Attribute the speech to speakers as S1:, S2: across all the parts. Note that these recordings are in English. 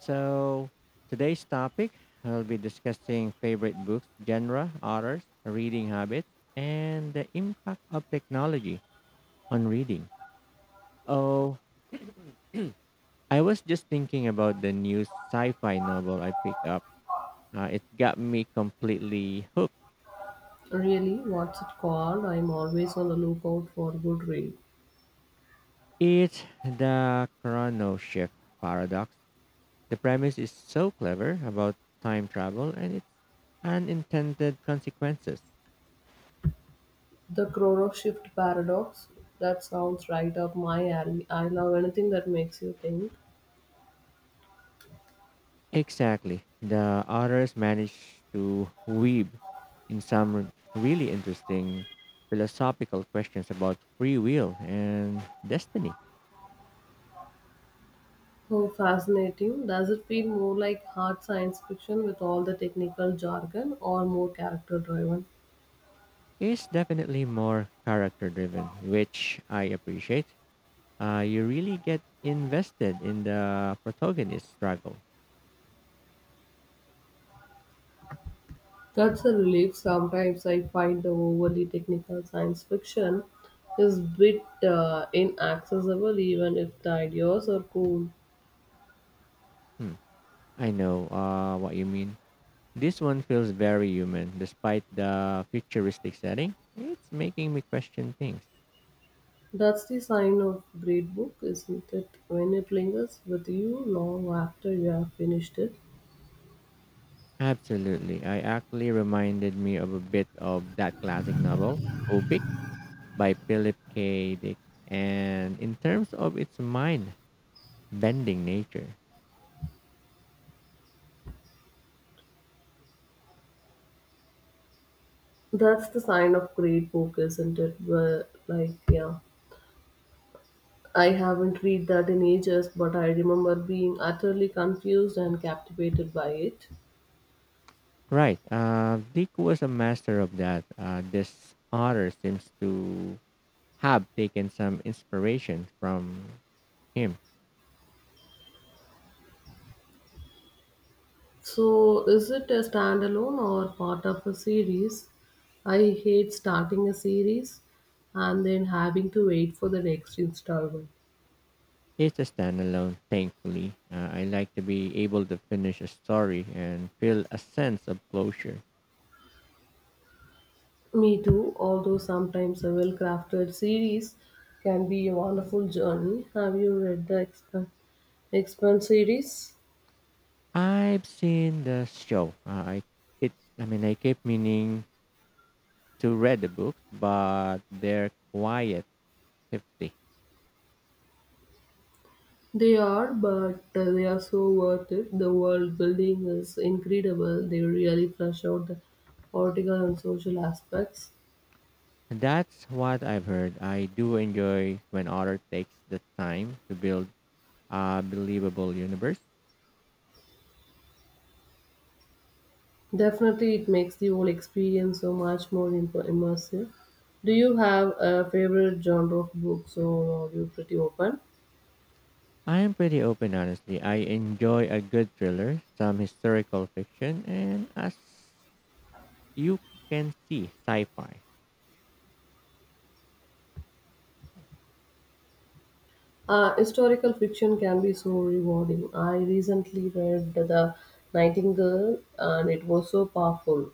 S1: So today's topic, I'll be discussing favorite books, genre, authors, reading habits, and the impact of technology on reading. Oh, I was just thinking about the new sci-fi novel I picked up. It got me completely hooked.
S2: Really, what's it called? I'm always on the lookout for good read.
S1: It's the Chrono Shift Paradox. The premise is so clever about time travel and its unintended consequences.
S2: The Chrono Shift Paradox? That sounds right up my alley. I love anything that makes you think.
S1: Exactly. The authors managed to weave in really interesting philosophical questions about free will and destiny.
S2: Oh, fascinating. Does it feel more like hard science fiction with all the technical jargon or more character driven?
S1: It's definitely more character driven, which I appreciate. You really get invested in the protagonist's struggle.
S2: That's a relief. Sometimes I find the overly technical science fiction is bit inaccessible even if the ideas are cool.
S1: Hmm. I know what you mean. This one feels very human, despite the futuristic setting. It's making me question things.
S2: That's the sign of great book, isn't it? When it lingers with you long after you have finished it.
S1: Absolutely. I actually reminded me of a bit of that classic novel, Ubik by Philip K. Dick. And in terms of its mind bending nature.
S2: That's the sign of great book, isn't it? Where, like, yeah, I haven't read that in ages, but I remember being utterly confused and captivated by it.
S1: Right. Dick was a master of that. This author seems to have taken some inspiration from him.
S2: So, is it a standalone or part of a series? I hate starting a series and then having to wait for the next installment.
S1: It's a standalone, thankfully. I like to be able to finish a story and feel a sense of closure.
S2: Me too, although sometimes a well crafted series can be a wonderful journey. Have you read the Expan series?
S1: I've seen the show. It I keep meaning to read the books, but they're quiet hefty.
S2: They are, but they are so worth it. The world building is incredible. They really flesh out the political and social aspects.
S1: That's what I've heard. I do enjoy when author takes the time to build a believable universe.
S2: Definitely, it makes the whole experience so much more immersive. Do you have a favorite genre of books or are you pretty open?
S1: I'm pretty open honestly. I enjoy a good thriller, some historical fiction, and as you can see, sci-fi.
S2: Historical fiction can be so rewarding. I recently read The Nightingale and it was so powerful.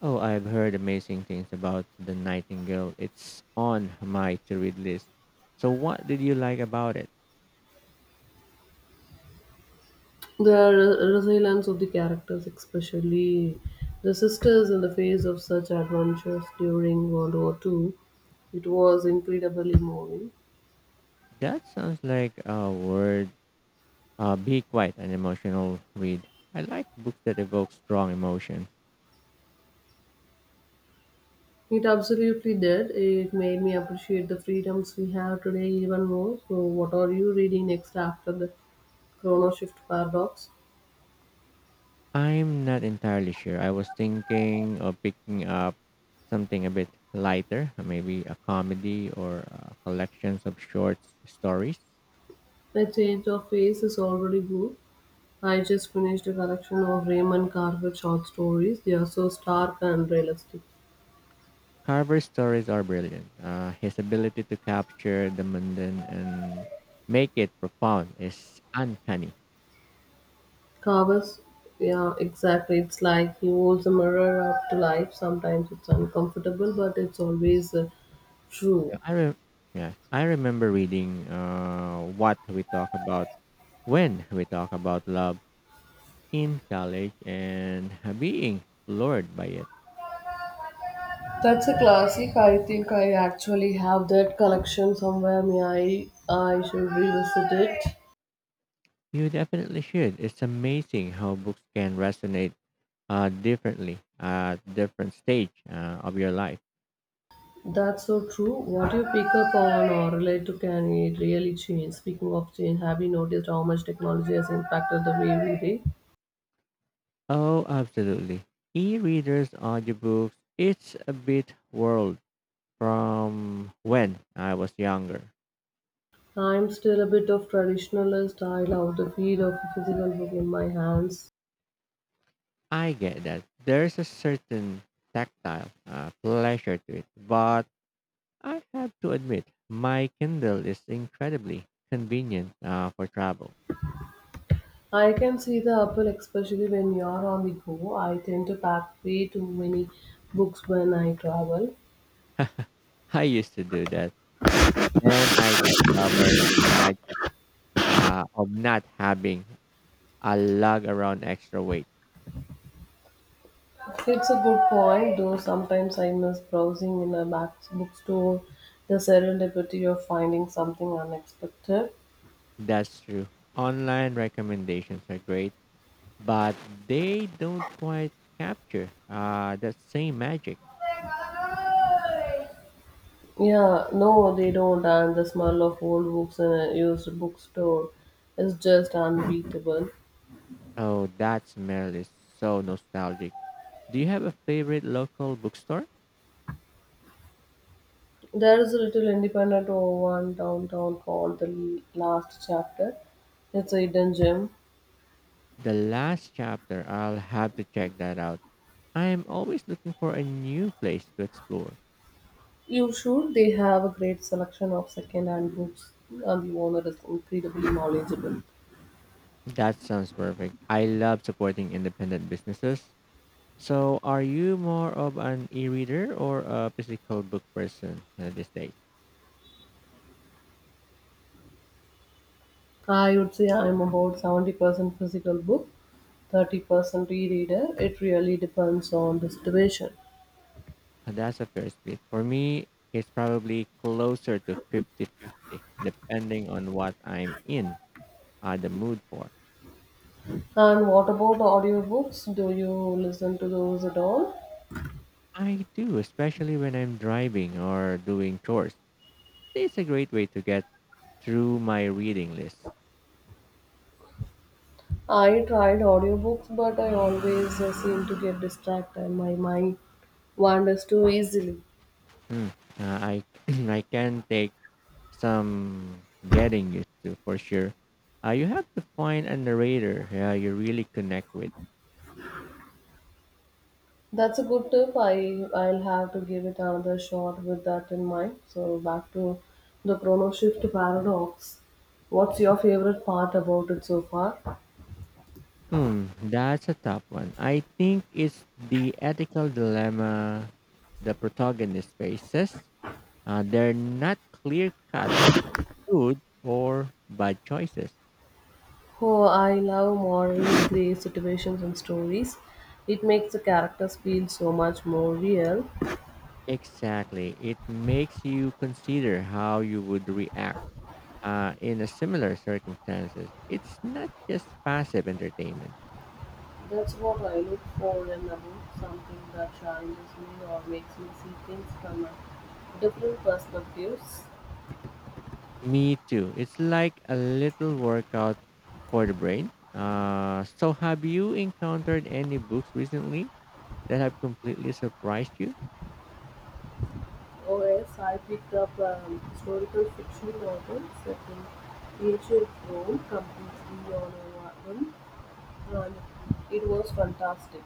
S1: Oh, I've heard amazing things about The Nightingale. It's on my to read list. So, what did you like about it?
S2: The resilience of the characters, especially the sisters in the face of such adventures during World War II, it was incredibly moving.
S1: That sounds like a word, be quite an emotional read. I like books that evoke strong emotion.
S2: It absolutely did. It made me appreciate the freedoms we have today even more. So, what are you reading next after the chrono shift paradox?
S1: I'm not entirely sure. I was thinking of picking up something a bit lighter, maybe a comedy or collections of short stories.
S2: The change of pace is already good. I just finished a collection of Raymond Carver short stories. They are so stark and realistic.
S1: Carver's stories are brilliant. His ability to capture the mundane and make it profound is uncanny.
S2: Carver's, yeah, exactly. It's like he holds a mirror up to life. Sometimes it's uncomfortable, but it's always
S1: Yeah.
S2: true.
S1: I re- yeah, I remember reading what we talk about when we talk about love in college and being floored by it.
S2: That's a classic. I think I actually have that collection somewhere. May I? I should revisit it.
S1: You definitely should. It's amazing how books can resonate differently at different stage of your life.
S2: That's so true. What you pick up on or relate to can it really change. Speaking of change, have you noticed how much technology has impacted the way we read?
S1: Oh, absolutely. E-readers, audiobooks, it's a bit world from when I was younger.
S2: I'm still a bit of traditionalist. I love the feel of a physical book in my hands.
S1: I get that. There's a certain tactile pleasure to it, but I have to admit, my Kindle is incredibly convenient for travel.
S2: I can see the appeal, especially when you're on the go. I tend to pack way too many books when I travel.
S1: I used to do that. Then I discovered the magic of not having a lug around extra weight.
S2: It's a good point, though sometimes I miss browsing in a back bookstore, the serendipity of finding something unexpected.
S1: That's true. Online recommendations are great but they don't quite capture that same magic.
S2: Yeah, no, they don't, and the smell of old books in a used bookstore is just unbeatable.
S1: Oh, that smell is so nostalgic. Do you have a favorite local bookstore?
S2: There is a little independent one downtown called The Last Chapter. It's a hidden gem.
S1: The last chapter, I'll have to check that out. I'm always looking for a new place to explore.
S2: You should. They have a great selection of second-hand books, and the owner is incredibly knowledgeable.
S1: That sounds perfect. I love supporting independent businesses. So, are you more of an e reader or a physical book person these days?
S2: I would say I'm about 70% physical book, 30% e-reader. It really depends on the situation.
S1: That's a fair split. For me, it's probably closer to 50-50, depending on what I'm in the mood for.
S2: And what about audiobooks? Do you listen to those at all?
S1: I do, especially when I'm driving or doing chores. It's a great way to get through my reading list.
S2: I tried audiobooks, but I always seem to get distracted. My mind wanders too easily.
S1: Hmm. I I can take some getting used to for sure. You have to find a narrator you really connect with.
S2: That's a good tip. I'll have to give it another shot with that in mind. So, back to the chrono shift paradox. What's your favorite part about it so far?
S1: Hmm, that's a tough one. I think it's the ethical dilemma the protagonist faces. They're not clear cut good or bad choices.
S2: Oh, I love morally gray situations and stories. It makes the characters feel so much more real.
S1: Exactly. It makes you consider how you would react in a similar circumstances. It's not just passive entertainment.
S2: That's what I look for in a book, something that challenges me or makes me see things from a different perspectives.
S1: Me too. It's like a little workout for the brain. So, have you encountered any books recently that have completely surprised you?
S2: Or else I picked up a historical fiction novel set in ancient Rome completely on a whim and it was fantastic.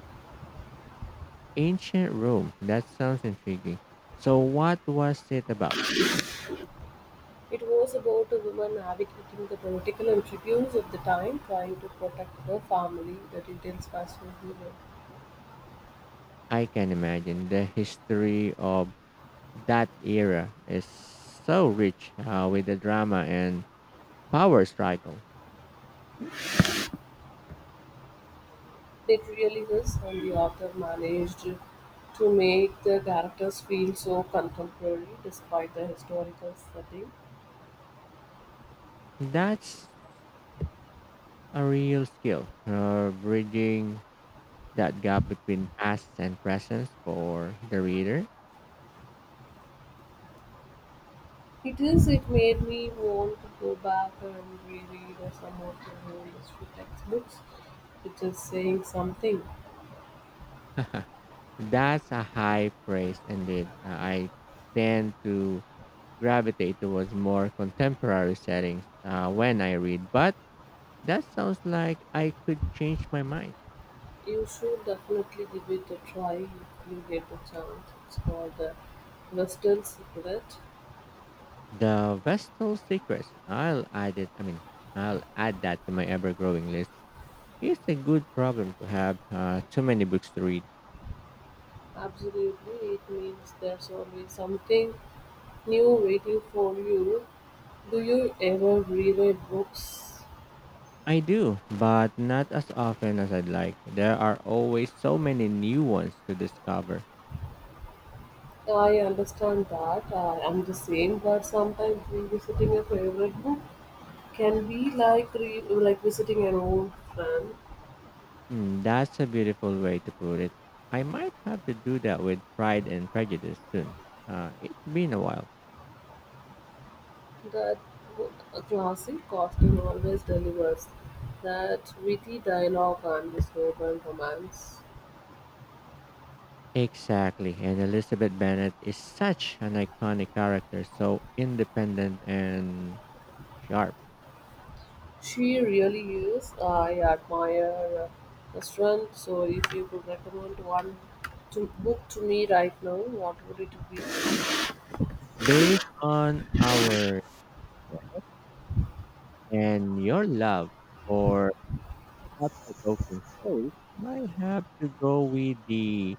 S1: Ancient Rome. That sounds intriguing. So, what was it about?
S2: It was about a woman navigating the political intrigues of the time, trying to protect her family. The details fascinated me.
S1: I can imagine the history of that era is so rich with the drama and power struggle.
S2: It really is, and the author managed to make the characters feel so contemporary despite the historical setting.
S1: That's a real skill, bridging that gap between past and present for the reader.
S2: It is, it made me want to go back and reread some of my own history textbooks. It is saying something.
S1: That's a high praise indeed. I tend to gravitate towards more contemporary settings when I read, but that sounds like I could change my mind.
S2: You should definitely give it a try if you get the chance. It's called the Western Secret.
S1: The Vestal Secrets. I'll add I'll add that to my ever-growing list. It's a good problem to have too many books to read.
S2: Absolutely, it means there's always something new waiting for you. Do you ever reread books?
S1: I do, but not as often as I'd like. There are always so many new ones to discover.
S2: I understand that I am the same, but sometimes revisiting a favorite book can be like like visiting an old friend.
S1: Hmm, that's a beautiful way to put it. I might have to do that with Pride and Prejudice soon. It's been a while.
S2: That good a classic often always delivers that witty dialogue and the slogan romance.
S1: Exactly, and Elizabeth Bennet is such an iconic character, so independent and sharp.
S2: She really is. I admire the strength. So, if you could recommend one to book to me right now, what would it be?
S1: Based on our and your love for thought provoking stories, I have to go with the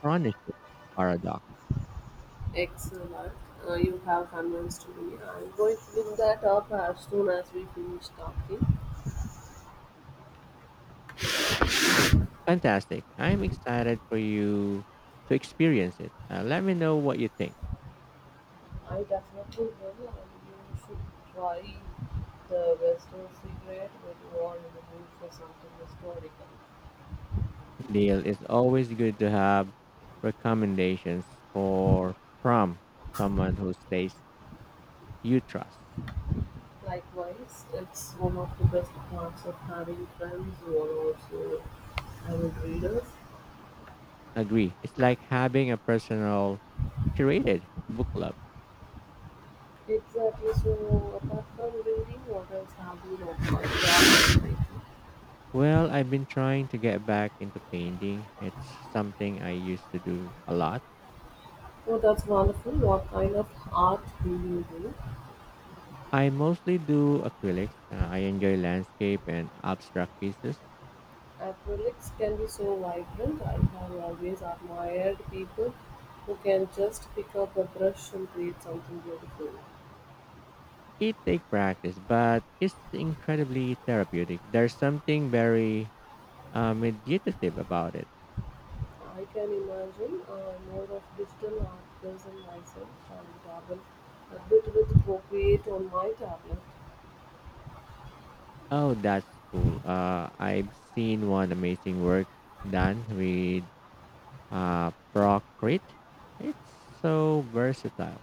S1: Chronicles Paradox.
S2: Excellent. You have convinced me. I'm going to look that up as soon as we finish talking.
S1: Fantastic. I'm excited for you to experience it. Let me know what you think.
S2: I definitely will, and you should try the Western cigarette when you are in the mood for something historical.
S1: Deal. It's always good to have recommendations for from someone who stays you trust.
S2: Likewise, it's one of the best parts of having friends who are also avid readers.
S1: Agree. It's like having a personal curated book club.
S2: Exactly. So, apart from reading, what else have you done for yourself lately?
S1: Well, I've been trying to get back into painting. It's something I used to do a lot.
S2: Oh, that's wonderful. What kind of art do you do?
S1: I mostly do acrylics. I enjoy landscape and abstract pieces.
S2: Acrylics can be so vibrant. I have always admired people who can just pick up a brush and create something beautiful.
S1: It takes practice, but it's incredibly therapeutic. There's something very meditative about it.
S2: I can imagine more of digital art person myself and dabble a bit with Procreate on my tablet.
S1: Oh, that's cool. I've seen one amazing work done with Procrete. It's so versatile.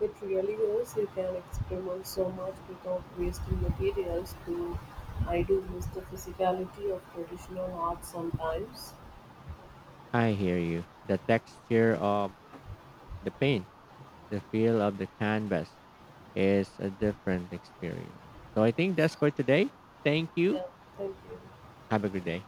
S2: It really is, you can experiment so much without wasting materials. Though I do miss the physicality of traditional art sometimes.
S1: I hear you. The texture of the paint the feel of the canvas is a different experience. So I think that's for today. Thank you.
S2: Yeah, thank you.
S1: Have a good day.